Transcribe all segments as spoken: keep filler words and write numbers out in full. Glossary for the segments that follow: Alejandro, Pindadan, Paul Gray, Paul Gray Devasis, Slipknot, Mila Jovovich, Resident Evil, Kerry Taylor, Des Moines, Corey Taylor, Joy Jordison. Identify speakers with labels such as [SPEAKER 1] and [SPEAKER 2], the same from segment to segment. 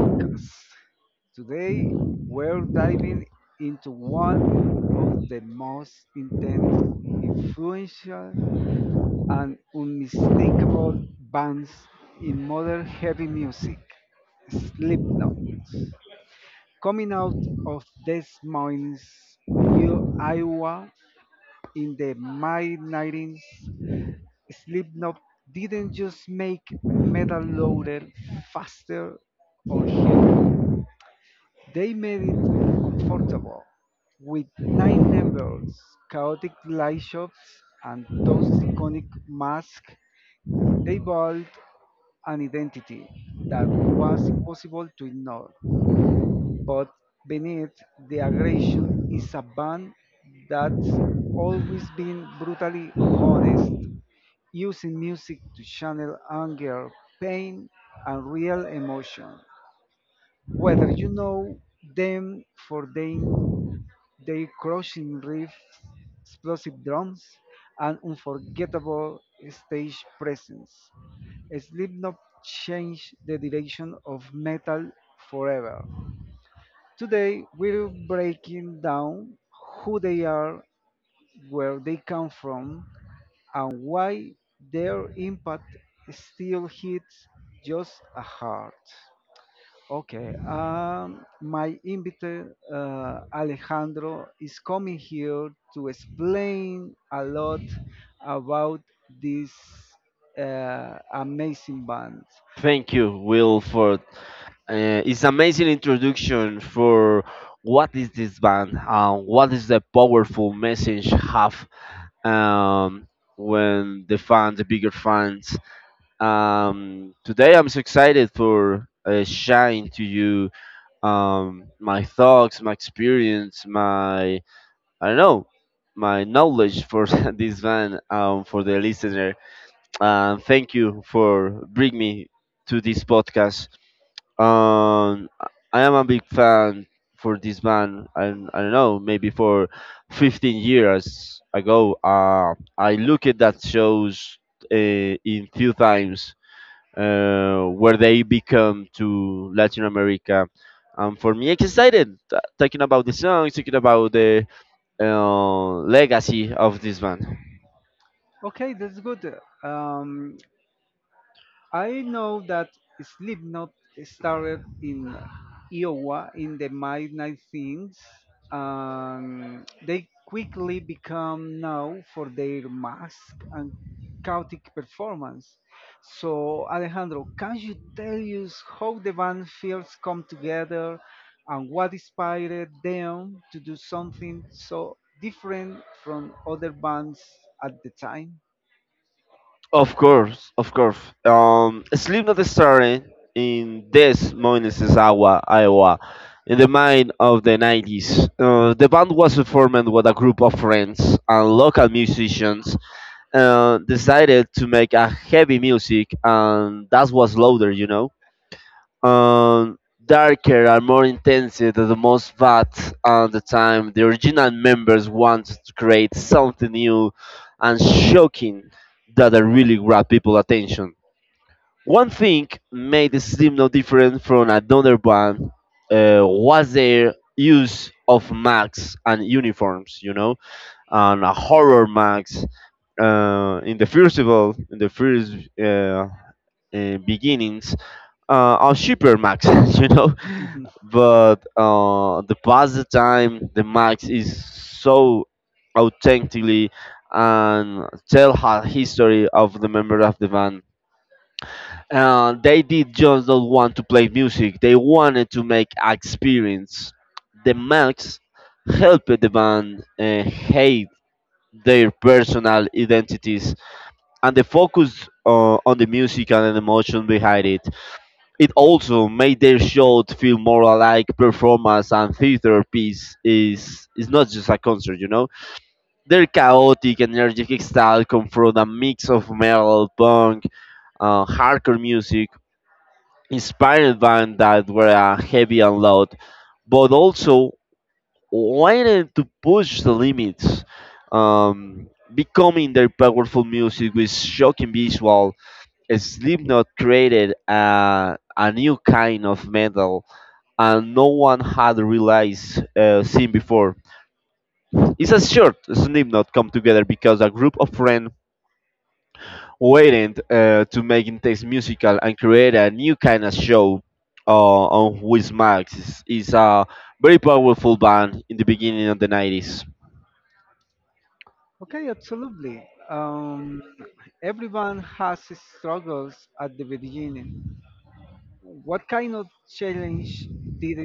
[SPEAKER 1] podcast. Today, we're diving into one of the most intense, influential, and unmistakable bands in modern heavy music, Slipknot. Coming out of Des Moines, U- Iowa, in the mid nineties, Slipknot didn't just make metal louder, faster, or heavier. They made it uncomfortable with nine numbers, chaotic light shots, and those iconic masks. They built an identity that was impossible to ignore. But beneath the aggression is a band that's always been brutally honest, using music to channel anger, pain, and real emotion. Whether you know them for their, their crushing riffs, explosive drums, and unforgettable stage presence, Slipknot changed the direction of metal forever. Today, we're breaking down who they are, where they come from, and why their impact still hits just as hard. Okay, um, my invite uh, Alejandro is coming here to explain a lot about this uh, amazing band.
[SPEAKER 2] Thank you, Will, for uh, its amazing introduction for what is this band and what is the powerful message have um, when the fans, the bigger fans. Um, today, I'm so excited for uh, sharing to you um, my thoughts, my experience, my I don't know, my knowledge for this band um, for the listener. Uh, thank you for bring me to this podcast. Um, I I am a big fan for this band. I, I don't know, maybe for fifteen years ago, uh, I look at that shows uh, in few times uh, where they become to Latin America. And for me, it's excited t- talking about the songs, talking about the uh, legacy of this band.
[SPEAKER 1] Okay, that's good. Um, I know that Slipknot started in Iowa in the mid nineteenth, and they quickly become known for their mask and chaotic performance. So, Alejandro, can you tell us how the band first come together and what inspired them to do something so different from other bands at the time?
[SPEAKER 2] Of course, of course. Um, Slipknot started in Des Moines, Iowa, Iowa, in the mid of the nineties. Uh, the band was formed with a group of friends and local musicians. Uh, decided to make a heavy music, and that was louder, you know um, darker and more intense than the most. But at the time the original members wanted to create something new and shocking that really grabbed people's attention. One thing made Slim no different from another band uh, was their use of masks and uniforms, you know and a horror masks uh, in the festival in the first uh, uh, beginnings uh, on cheaper max, you know. But uh, the past the time, the max is so authentically and tell her history of the member of the band. Uh, they did just not want to play music; they wanted to make experience. The max helped the band uh, hate their personal identities and the focus uh, on the music and the emotion behind it. It also made their show to feel more like performance and theater piece is is not just a concert, you know. Their chaotic, energetic style comes from a mix of metal, punk, uh, hardcore music, inspired bands that were uh, heavy and loud, but also wanted to push the limits, um, becoming their powerful music with shocking visual. Slipknot created a, a new kind of metal and no one had realized uh, seen before. It's a short Slipknot come together because a group of friends waited uh, to make intense musical and create a new kind of show uh, on Wiz Max. It's, it's a very powerful band in the beginning of the nineties.
[SPEAKER 1] Okay, absolutely. Um, Everyone has struggles at the beginning. What kind of challenge did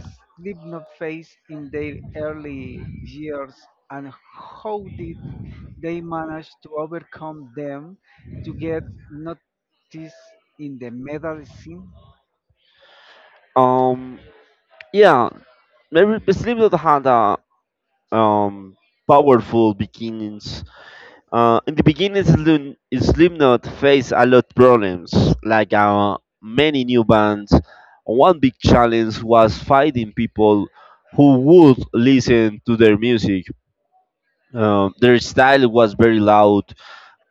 [SPEAKER 1] Slipknot face in their early years, and how did they manage to overcome them to get noticed in the metal scene?
[SPEAKER 2] Um, yeah, maybe Slipknot had a um, powerful beginnings. Uh, in the beginning, Slim- Slipknot faced a lot problems, like uh, many new bands. One big challenge was finding people who would listen to their music. Uh, their style was very loud,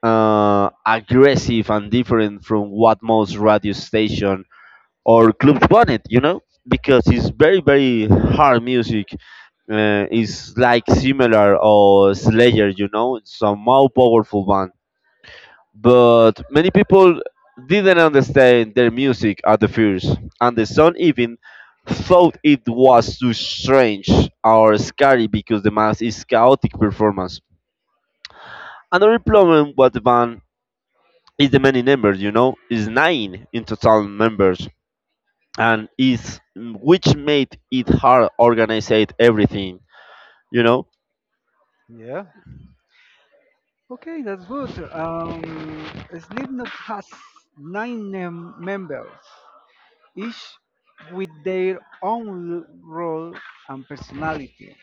[SPEAKER 2] uh, aggressive, and different from what most radio station or clubs wanted. You know, because it's very very hard music. Uh, it's like similar or Slayer. You know, it's a more powerful band but many people didn't understand their music at the first, and the song even thought it was too strange or scary because the mask is chaotic performance. Another problem with the band is the many members, you know, is nine in total members, and is which made it hard organize everything, you know.
[SPEAKER 1] Yeah. Okay, that's good. Um, Slipknot has nine mem- members, each with their own role and personality.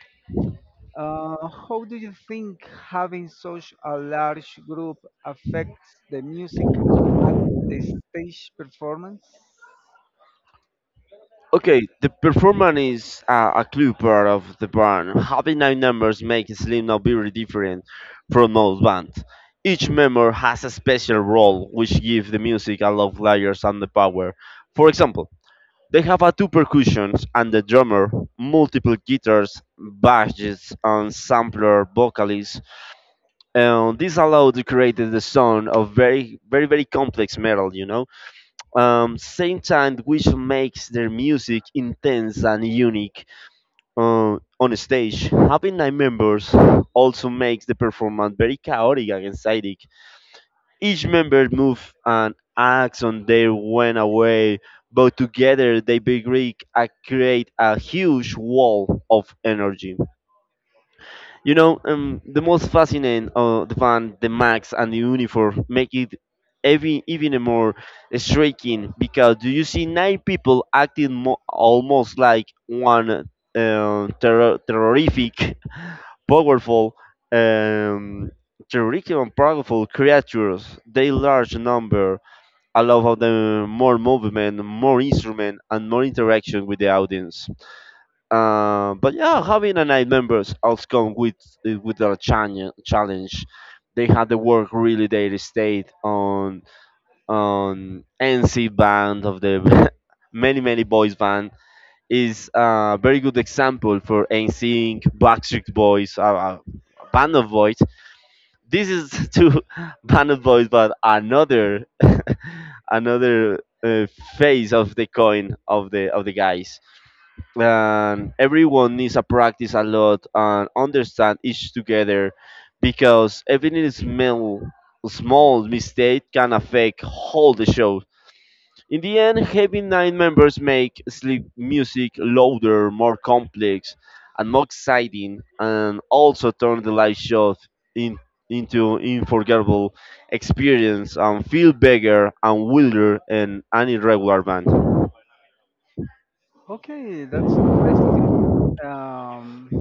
[SPEAKER 1] Uh, how do you think having such a large group affects the music and the stage performance?
[SPEAKER 2] Okay, the performance is uh, a clue part of the band. Having nine members makes Slipknot very different from most bands. Each member has a special role which gives the music a lot of layers and the power. For example, they have a two percussions and the drummer, multiple guitars, basses, and sampler vocalists. And this allowed to create the sound of very, very, very complex metal. You know. Um, same time, which makes their music intense and unique uh, on stage. Having nine members also makes the performance very chaotic and exciting. Each member moves and acts on their own way, but together they begin and create a huge wall of energy. You know, um, the most fascinating of the van, the max, and the uniform make it even even a more striking because do you see nine people acting mo- almost like one uh, terror- terrorific, powerful, um, terrific and powerful creatures. They large number allow of them more movement, more instrument, and more interaction with the audience. Uh, but yeah, having a nine members outcome with uh, with their chan- challenge, they had to work really daily state on on N C band of the many many boys band is a very good example for NSYNC, Backstreet Boys, a, a band of boys. This is two band of boys, but another another uh, face of the coin of the of the guys and everyone needs to practice a lot and understand each together because even a small, small mistake can affect whole the show. In the end, having nine members make sleep music louder, more complex, and more exciting, and also turn the live show in, into unforgettable experience and feel bigger and wilder than any regular band.
[SPEAKER 1] Okay, that's interesting. Um,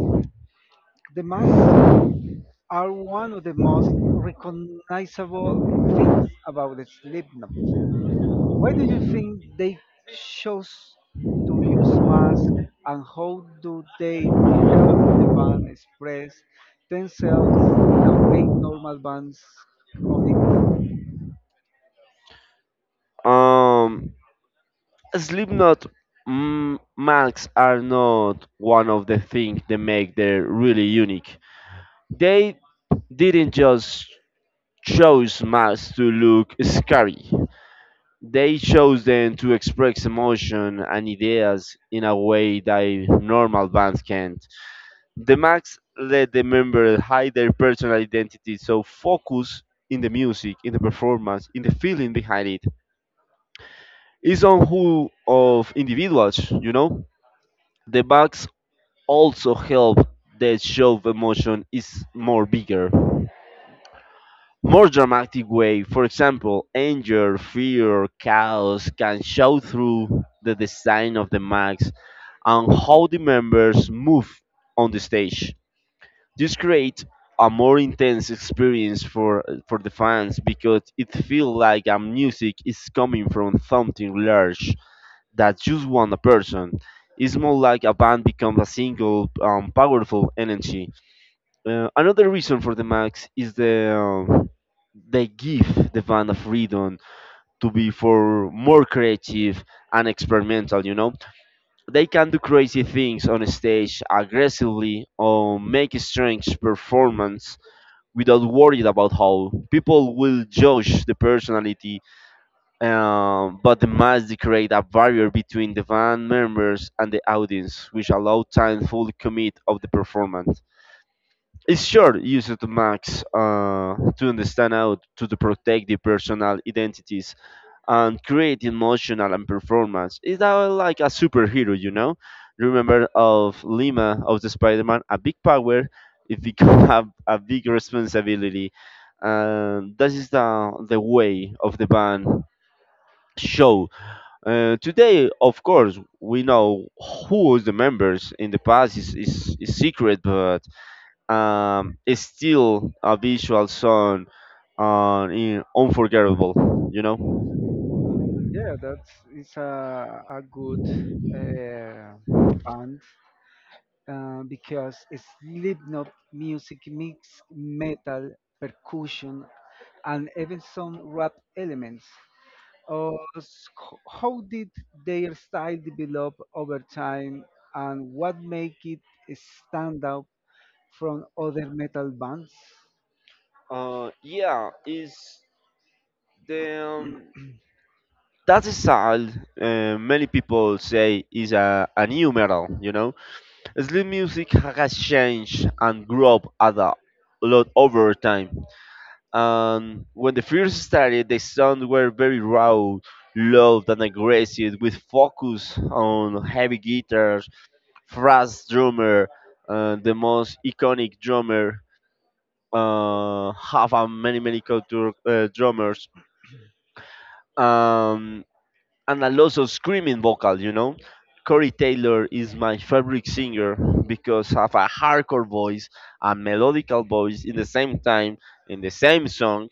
[SPEAKER 1] the masks are one of the most recognizable things about the Slipknot. Why do you think they chose to use masks, and how do they help the band express themselves in a way normal bands only?
[SPEAKER 2] Um, Slipknot mm, marks are not one of the things that make them really unique. They didn't just choose masks to look scary. They chose them to express emotion and ideas in a way that normal bands can't. The masks let the members hide their personal identity, so focus in the music, in the performance, in the feeling behind it. It's on who of individuals, you know the masks. Also help the show of emotion is more bigger more dramatic way. For example, anger, fear, chaos can show through the design of the max and how the members move on the stage. This creates a more intense experience for for the fans because it feels like a music is coming from something large that just one person. It's more like a band becomes a single um, powerful energy. Uh, another reason for the Max is the um, they give the band a freedom to be for more creative and experimental. You know, they can do crazy things on stage aggressively or make strange performance without worried about how people will judge the personality. Um, but the Max they create a barrier between the band members and the audience, which allow time fully commit of the performance. It's sure used to max uh, to understand how to the protect the personal identities and create emotional and performance. It's uh, like a superhero, you know. Remember of Lima of the Spider-Man, a big power, it become a, a big responsibility. And that is the the way of the band show. Uh, today, of course, we know who is the members. In the past, is is, is secret, but um, is still a visual song uh, in unforgettable you know
[SPEAKER 1] Yeah, that is a, a good uh, band uh, because Slipknot music mix metal, percussion, and even some rap elements. Or s- h- how did their style develop over time, and what make it stand out from other metal bands?
[SPEAKER 2] uh, yeah is the um, that style uh, many people say is a, a new metal you know sleep music has changed and grown up a lot over time. And when they first started, the sound were very raw, loud, and aggressive, with focus on heavy guitars, fast drummer, uh, the most iconic drummer, uh, have a many many culture uh, drummers, um, and a lot of screaming vocal. You know, Corey Taylor is my favorite singer because have a hardcore voice, a melodical voice in the same time in the same song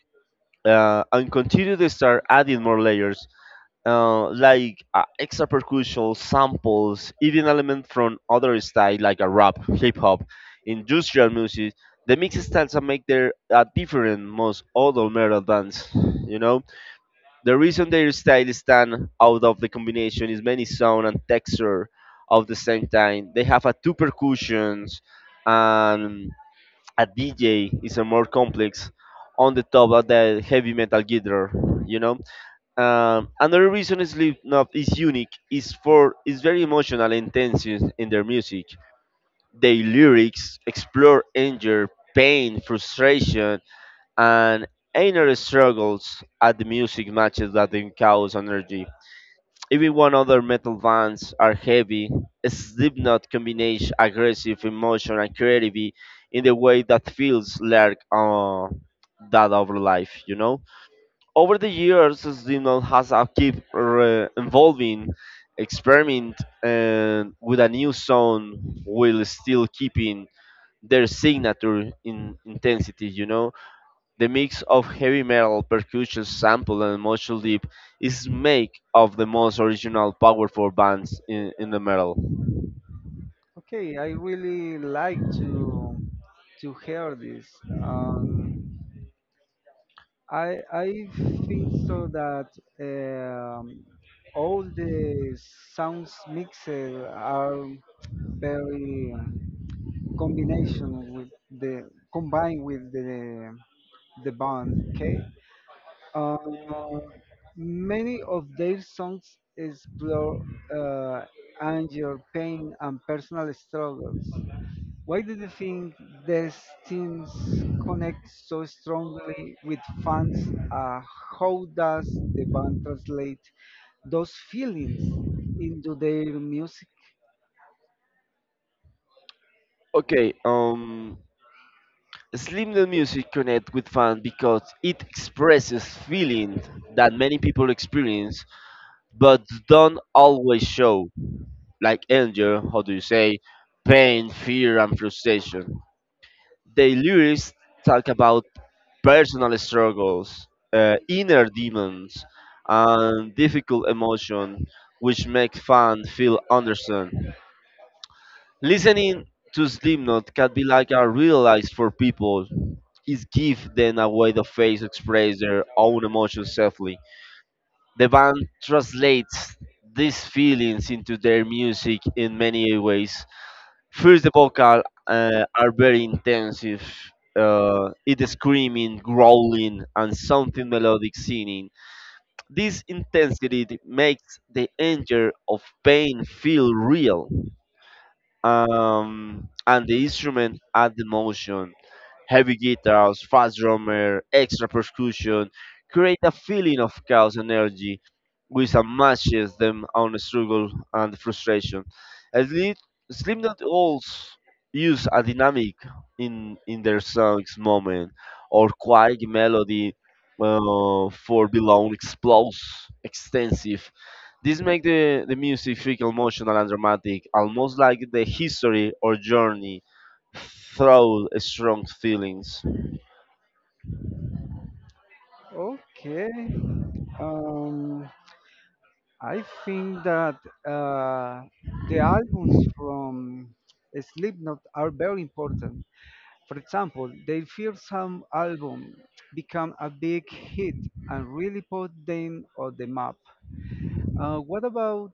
[SPEAKER 2] uh, and continue to start adding more layers, uh, like uh, extra percussion samples, even elements from other styles like a rap, hip hop, industrial music. The mix styles that make their uh, different most other metal bands. You know the reason their style stand out of the combination is many sound and texture of the same time. They have a two percussions and a D J is a more complex on the top of the heavy metal guitar, you know. Um, another reason Slipknot is unique is for is very emotional intensity in in their music. Their lyrics explore anger, pain, frustration, and inner struggles at the music matches that they cause energy. Even when other metal bands are heavy, Slipknot combines aggressive emotion and creativity in a way that feels like uh, that of life, you know? Over the years, Slipknot has uh, keep re- evolving, experiment uh, with a new sound while still keeping their signature in intensity, you know? The mix of heavy metal, percussion, sample, and emotional deep is make of the most original, powerful bands in, in the metal.
[SPEAKER 1] Okay, I really like to to hear this. Um, I I think so that um, all the sounds mixed are very um, combination with the combined with the the band. Okay. Uh, Many of their songs explore uh, anger, pain, and personal struggles. Why do you think these teams connect so strongly with fans? Uh, how does the band translate those feelings into their music?
[SPEAKER 2] Okay, um, Slim the music connect with fans because it expresses feelings that many people experience but don't always show, like anger, how do you say, pain, fear, and frustration. The lyrics talk about personal struggles, uh, inner demons, and difficult emotions, which make fans feel understood. Listening to Slipknot can be like a real life for people. It gives them a way to face express their own emotions safely. The band translates these feelings into their music in many ways. First, the vocal uh, are very intensive. Uh, it is screaming, growling, and something melodic singing. This intensity makes the anger of pain feel real um, and the instrument add the motion. Heavy guitars, fast drummer, extra percussion create a feeling of chaos and energy, which matches them on the struggle and frustration. As lead, Slipknot also use a dynamic in in their songs moment or quiet melody uh, for belong explodes extensive this makes the, the music feel emotional and dramatic, almost like the history or journey through strong feelings.
[SPEAKER 1] Okay. Um, I think that uh, the albums from Slipknot are very important. For example, their first some album became a big hit and really put them on the map. Uh, what about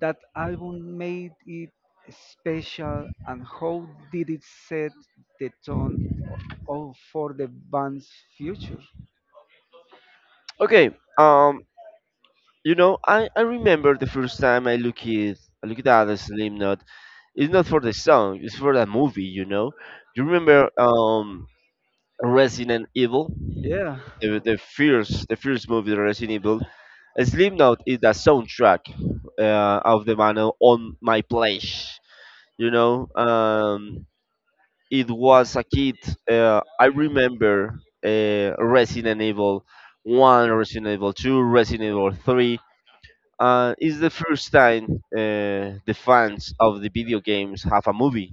[SPEAKER 1] that album made it special, and how did it set the tone o- for the band's future?
[SPEAKER 2] Okay, um, you know, I, I remember the first time I look it I look at the Slipknot. It's not for the song, it's for the movie, you know. You remember um Resident Evil?
[SPEAKER 1] Yeah,
[SPEAKER 2] The, the first the first movie Resident Evil. Slipknot is the soundtrack uh, of the man on my place. You know, um, it was a kid. Uh, I remember uh, Resident Evil one, Resident Evil two, Resident Evil three. Uh, it's the first time uh, the fans of the video games have a movie.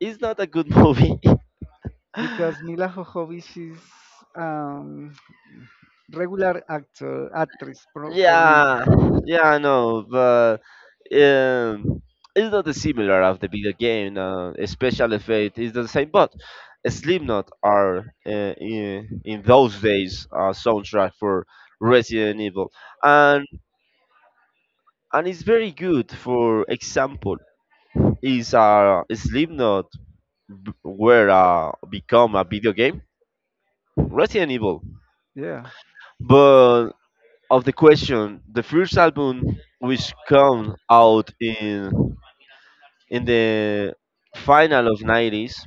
[SPEAKER 2] It's not a good movie.
[SPEAKER 1] because Mila Jovovich is um, regular actor actress pro, for me.
[SPEAKER 2] Yeah, yeah, I know, but um, it's not the similar of the video game. Uh, special effect is the same, but Slipknot are uh, in, in those days uh, soundtrack for Resident Evil, and and it's very good for example is a slipknot b- were uh, become a video game Resident Evil
[SPEAKER 1] Yeah.
[SPEAKER 2] but of the question the first album which come out in in the final of nineties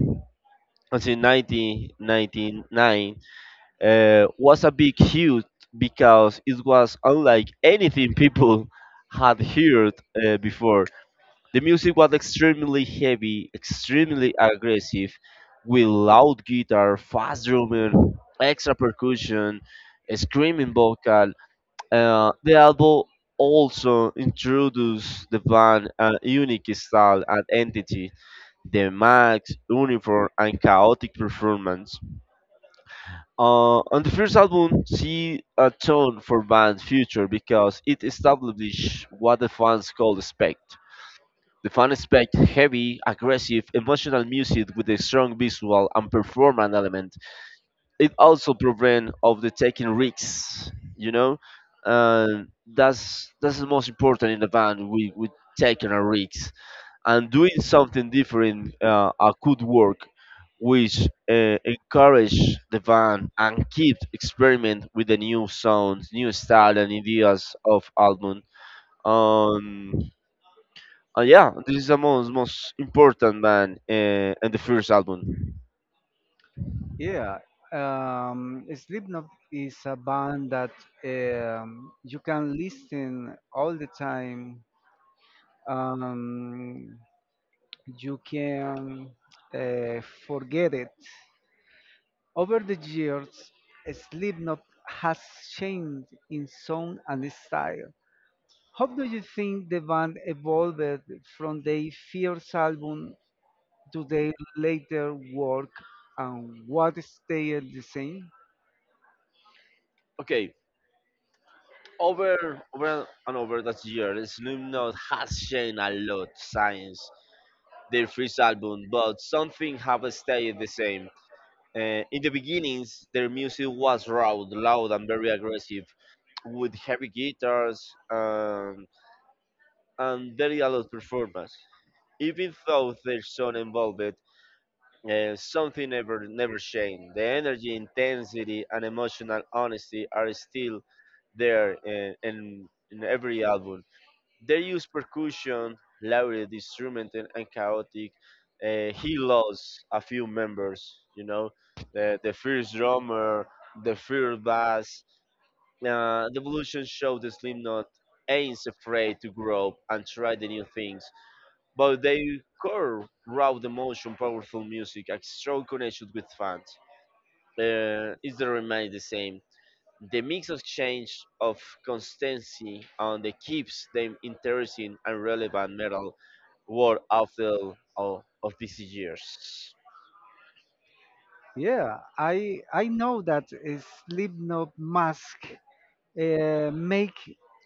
[SPEAKER 2] until nineteen ninety-nine uh, was a big hit because it was unlike anything people had heard uh, before. The music was extremely heavy, extremely aggressive, with loud guitar, fast drumming, extra percussion, a screaming vocal. Uh, the album also introduced the band a unique style and entity: the max, uniform, and chaotic performance. Uh, on the first album, see a tone for band's future because it established what the fans could expect. The fans expect heavy, aggressive, emotional music with a strong visual and performance element. It also prevents of the taking risks, you know. And that's that's the most important in the band. We we taking a risk and doing something different. Uh, uh, could work, which uh, encourage the band and keep experiment with the new sounds, new style and ideas of album. Um, uh, yeah, this is the most most important band uh, and the first album.
[SPEAKER 1] Yeah, um, Slipknot is a band that um, you can listen all the time. Um, you can uh, forget it. Over the years, Slipknot has changed in sound and style. How do you think the band evolved from their first album to their later work, and what stayed the same?
[SPEAKER 2] Okay, over over and over that year, Snoop Dogg has changed a lot since their first album, but something have stayed the same. Uh, in the beginnings, their music was raw, loud, and very aggressive, with heavy guitars um, and very a lot performance. Even though their sound evolved, Uh, something never never changed. The energy, intensity, and emotional honesty are still there in, in, in every album. They use percussion, loud instrument, and, and chaotic. Uh, he lost a few members, you know, the, the first drummer, the first bass. Uh, the evolution showed the Slipknot ain't afraid to grow and try the new things but their core, raw emotion, powerful music, and strong connection with fans uh, is the remain the same. The mix of change of constancy and that keeps them interesting and relevant metal world after all of these years.
[SPEAKER 1] Yeah, I I know that uh, Slipknot mask uh, make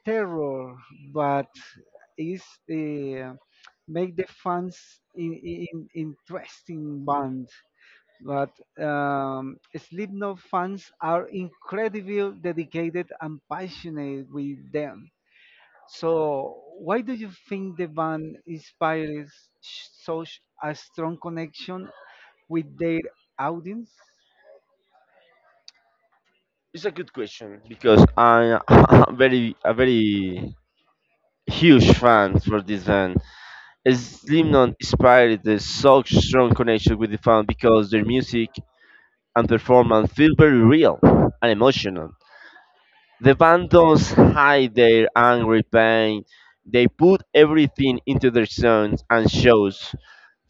[SPEAKER 1] terror, but is uh, make the fans in, in interesting band. But um, Slipknot fans are incredibly dedicated and passionate with them. So why do you think the band inspires such a strong connection with their audience?
[SPEAKER 2] It's a good question because I am very a very huge fan for this band. Slim Non inspired the such strong connection with the fan because their music and performance feel very real and emotional. The band don't hide their angry pain. They put everything into their songs and shows.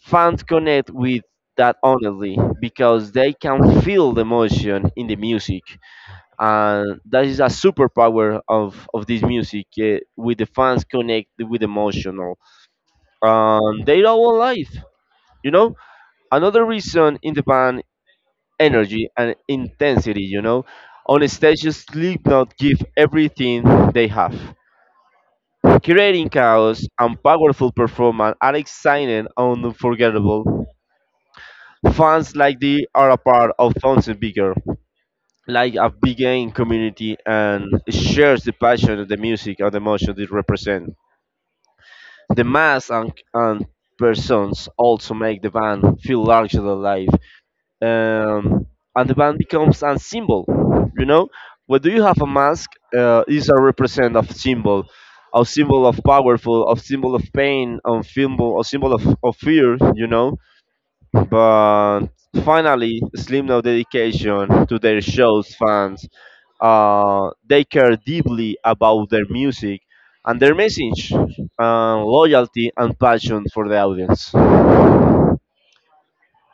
[SPEAKER 2] Fans connect with that honestly because they can feel the emotion in the music. And that is a superpower of, of this music. Eh, with the fans connect with emotional. Um, they are all life. You know, another reason in the band energy and intensity, you know. On stage, Slipknot give everything they have, creating chaos and powerful performance are exciting and unforgettable. Fans like they are a part of something bigger, like a big game community and shares the passion of the music and the emotion they represent. The mass and, and persons also make the band feel larger than life, um, and the band becomes a symbol. You know, when do you have a mask? Uh, is a represent of symbol, a symbol of powerful, of symbol of pain, of symbol, a symbol of, of fear. You know, but finally, Slim No dedication to their shows fans. Uh, they care deeply about their music and their message, uh, loyalty and passion for the audience.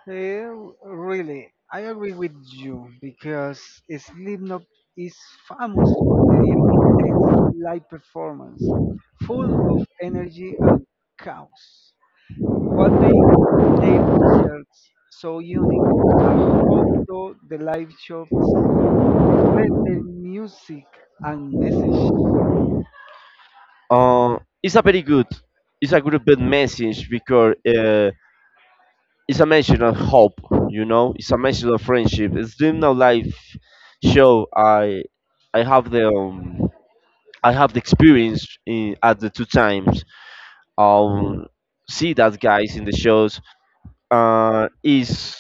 [SPEAKER 1] Eh, really, I agree with you because Slipknot is famous for their intense live performance, full of energy and chaos. What makes their concerts so unique, are how do the live shows reflect their music and message?
[SPEAKER 2] Uh, it's a very good, it's a good bit message because uh, it's a message of hope, you know, it's a message of friendship. It's doing now life show. I I have the um, I have the experience in, at the two times. Um, See that guys in the shows. Uh, is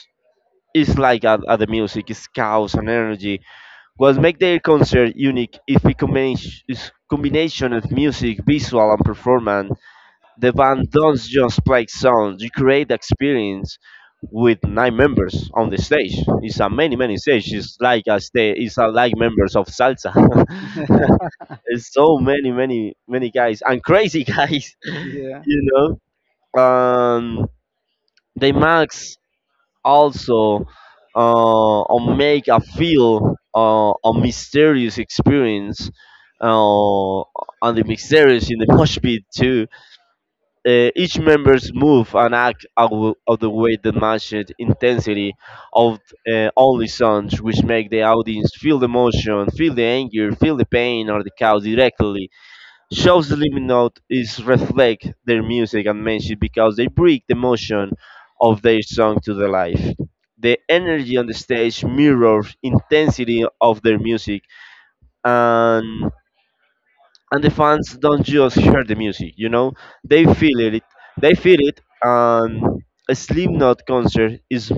[SPEAKER 2] is like at, at the music, it's chaos and energy. What make their concert unique is the combination, is combination of music, visual, and performance. The band don't just play songs; you create experience with nine members on the stage. It's a many many stage. It's like a stage. It's a like members of salsa.
[SPEAKER 1] Yeah.
[SPEAKER 2] There's so many many many guys and crazy guys, you know. Um, they max also uh, or make a feel uh, a mysterious experience uh, and the mysterious in the mosh pit too, uh, each member's move and act out of the way that matches intensity of uh, only songs, which make the audience feel the emotion, feel the anger, feel the pain or the chaos directly. Shows the limit note is reflect their music and message because they bring the emotion of their song to the life. The energy on the stage mirrors intensity of their music, and and the fans don't just hear the music, you know, they feel it, they feel it. And a Slipknot concert is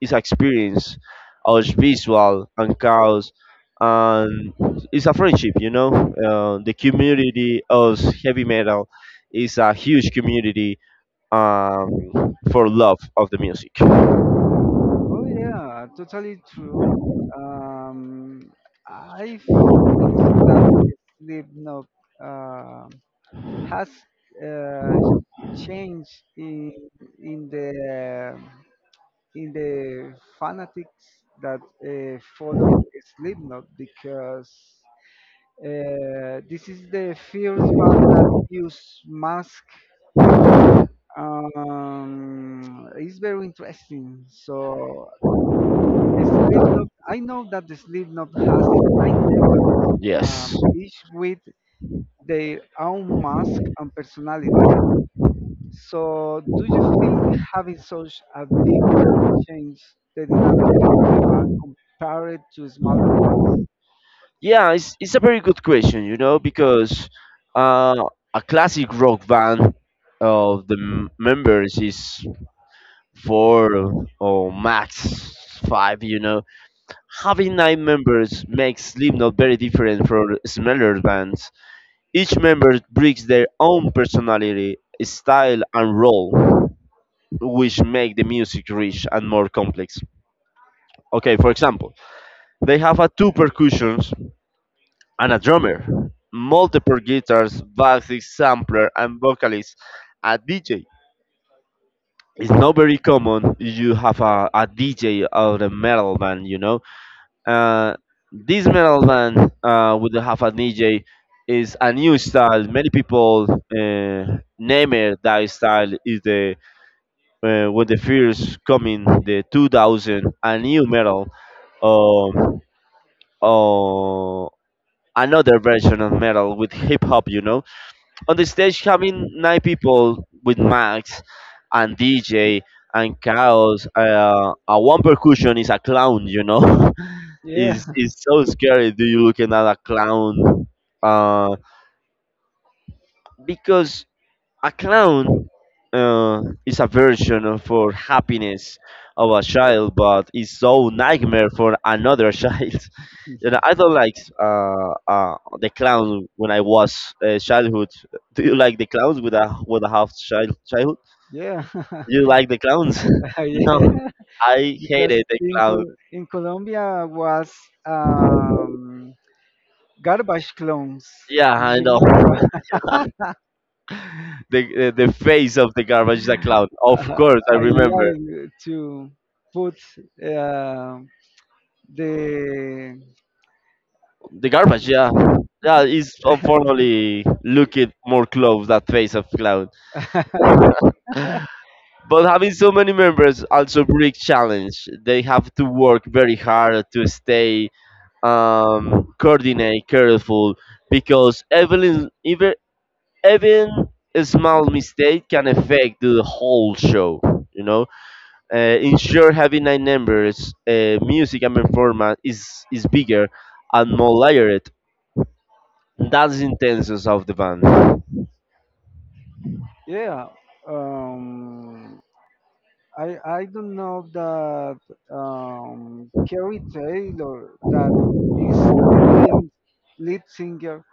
[SPEAKER 2] is experience of visual and chaos, and it's a friendship, you know. Uh, the community of heavy metal is a huge community, um, for love of the music.
[SPEAKER 1] Oh yeah, totally true. Um, I think so Sleep no uh, has uh, changed in in the in the fanatics that uh, follow Slipknot because uh, this is the first band that use mask. Um, it's very interesting. So Slipknot, I know that the Slipknot has nine members,
[SPEAKER 2] Yes,
[SPEAKER 1] um, each with their own mask and personality. So, do you think having such a big group changed the dynamic of the band compared to smaller bands?
[SPEAKER 2] yeah, it's, it's a very good question, you know, because uh, a classic rock band of the m- members is four or max five, you know. Having nine members makes Slipknot very different from smaller bands. Each member brings their own personality, style, and role, which make the music rich and more complex. Okay, for example, they have a two percussion and a drummer, multiple guitars, bassist, sampler, and vocalist, a D J. It's not very common you have a, a D J out a metal band, you know. Uh, this metal band uh, would have a D J is a new style. Many people uh, name it that style is the uh, when the first coming the two thousand a new metal, um, or another version of metal with hip hop, you know. On the stage having nine people with Max and D J and Chaos, uh, a one percussion is a clown, you know.
[SPEAKER 1] Yeah,
[SPEAKER 2] is is so scary. Do you looking at a clown? Uh, because a clown uh, is a version of- for happiness of a child, but it's so nightmare for another child. You know, I don't like uh, uh, the clown when I was uh, childhood. Do you like the clowns with a with a half child childhood?
[SPEAKER 1] yeah,
[SPEAKER 2] You like the clowns?
[SPEAKER 1] yeah.
[SPEAKER 2] No, I
[SPEAKER 1] Because
[SPEAKER 2] hated the
[SPEAKER 1] in
[SPEAKER 2] clown.
[SPEAKER 1] Col- in Colombia was um, garbage clones.
[SPEAKER 2] Yeah, I
[SPEAKER 1] You
[SPEAKER 2] know.
[SPEAKER 1] remember?
[SPEAKER 2] the the the face of the garbage is a clown. Of course, I
[SPEAKER 1] I
[SPEAKER 2] remember
[SPEAKER 1] like to put uh, the
[SPEAKER 2] the garbage. Yeah, yeah,
[SPEAKER 1] yeah,
[SPEAKER 2] is unfortunately looking more close that face of clown. But having so many members also bring challenge. They have to work very hard to stay um, coordinate careful because even even even a small mistake can affect the whole show. You know, uh, ensure having nine members, uh, music and performance is is bigger and more layered. That's the intentions of the band.
[SPEAKER 1] yeah, um, I I don't know that um, Kerry Taylor, that is the Lions lead singer,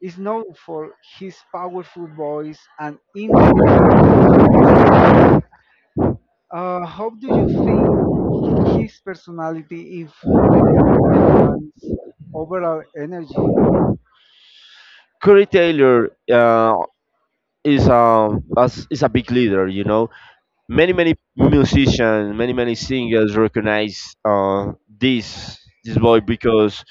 [SPEAKER 1] is known for his powerful voice and intense stage presence. Uh, how do you think his personality influenced the band's overall energy?
[SPEAKER 2] Corey Taylor uh, is a as- is a big leader. You know, many many musicians, many many singers recognize uh, this this boy because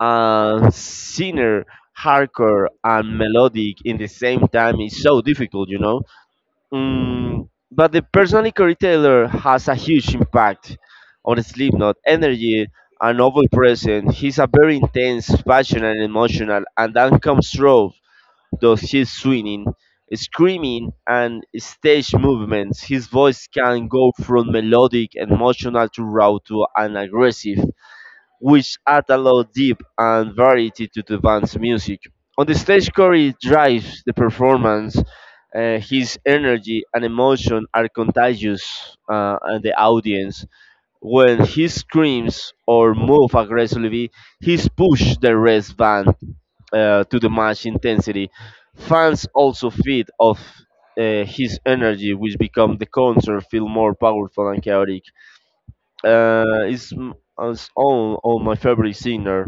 [SPEAKER 2] uh, singer, hardcore, and melodic in the same time is so difficult, you know. Mm, but the personally Corey Taylor has a huge impact on Slipknot energy and overall presence. He's a very intense, passionate, and emotional, and that comes through those his swinging, screaming, and stage movements. His voice can go from melodic, emotional to raw to an aggressive which add a lot of depth and variety to the band's music. On the stage, Corey drives the performance. Uh, his energy and emotion are contagious uh, and the audience. When he screams or moves aggressively, he's pushed the rest band uh, to the match intensity. Fans also feed off uh, his energy, which become the concert feel more powerful and chaotic, uh, is m- is all, all my favorite singer.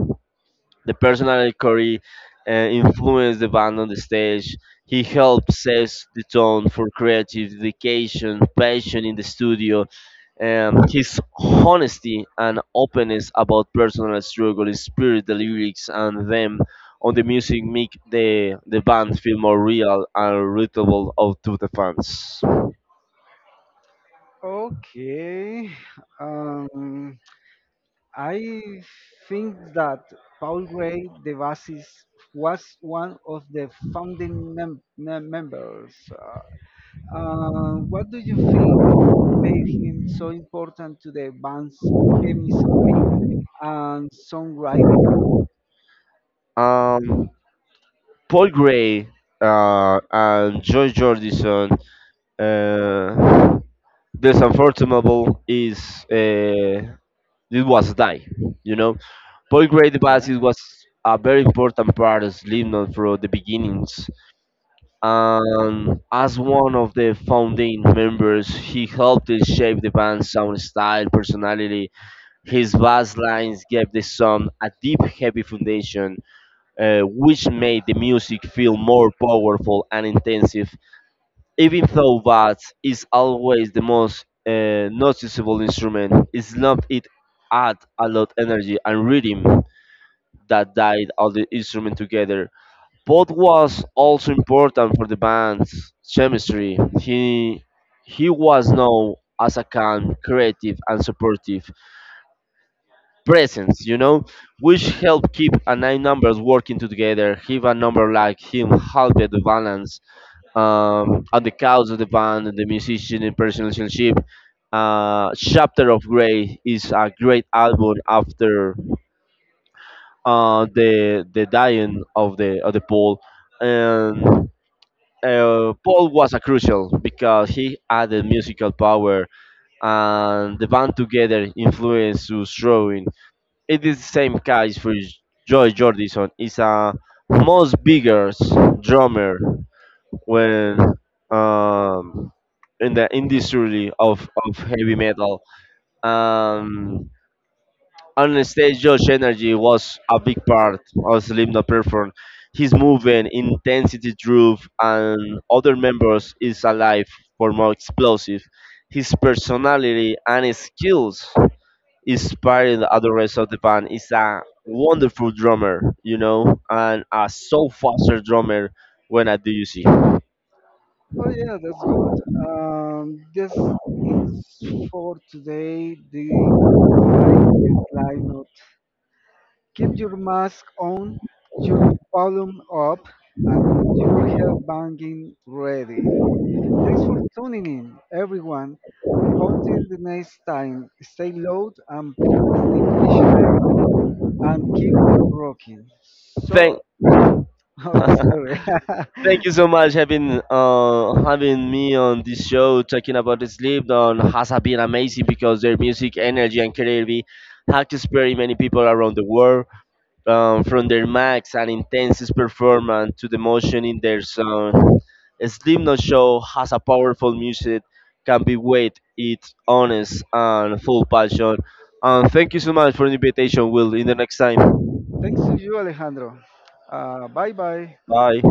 [SPEAKER 2] The personality Corey uh, influenced the band on the stage. He helped set the tone for creative dedication, passion in the studio. Um, his honesty and openness about personal struggle inspired the lyrics and them on the music make the, the band feel more real and relatable out to the fans.
[SPEAKER 1] Okay. Um, I think that Paul Gray Devasis was one of the founding mem- mem- members. Uh, uh, what do you think made him so important to the band's chemistry and songwriting?
[SPEAKER 2] Um, Paul Gray uh, and Joy Jordison. Uh, this unfortunable is uh, it was die. You know, Paul Gray the bassist was a very important part of Slipknot from the beginnings, and as one of the founding members, he helped to shape the band's sound style, personality. His bass lines gave the song a deep, heavy foundation uh, which made the music feel more powerful and intensive, even though bass is always the most uh, noticeable instrument. It's not it add a lot energy and rhythm that died all the instrument together. Both was also important for the band's chemistry. He he was known as a calm, creative, and supportive presence, you know, which help keep a nine numbers working together. If a number like him halted the balance, um, and the cause of the band the musician in personal relationship. Uh, Chapter of Grey is a great album after uh, the the dying of the of the Paul, and uh, Paul was a crucial because he added musical power and the band together influenced his drawing it is the same case for Joy Jordison. It's a most bigger drummer when um, in the industry of, of heavy metal. Um, on the stage, Josh Energy was a big part of Slipknot performance. His movement, intensity, groove, and other members is alive for more explosive. His personality and skills inspiring the other rest of the band. Is a wonderful drummer, you know, and a so faster drummer when I do you see.
[SPEAKER 1] Oh yeah, that's good. Um, this it's for today. The guy is lineup. Keep your mask on, your volume up, and your headbanging ready. Thanks for tuning in, everyone. Until the next time, stay loud and stay passionate and keep rocking. So,
[SPEAKER 2] Thank
[SPEAKER 1] oh, sorry.
[SPEAKER 2] thank you so much having uh, having me on this show talking about the sleep on has been amazing because their music, energy and creativity have inspired many people around the world. Um, from their max and intensest performance to the motion in their song. Slipknot show has a powerful music, can be weight, it's honest and full passion. And thank you so much for the invitation, Will. In the next time.
[SPEAKER 1] Thanks to you, Alejandro. Uh, bye bye.
[SPEAKER 2] Bye.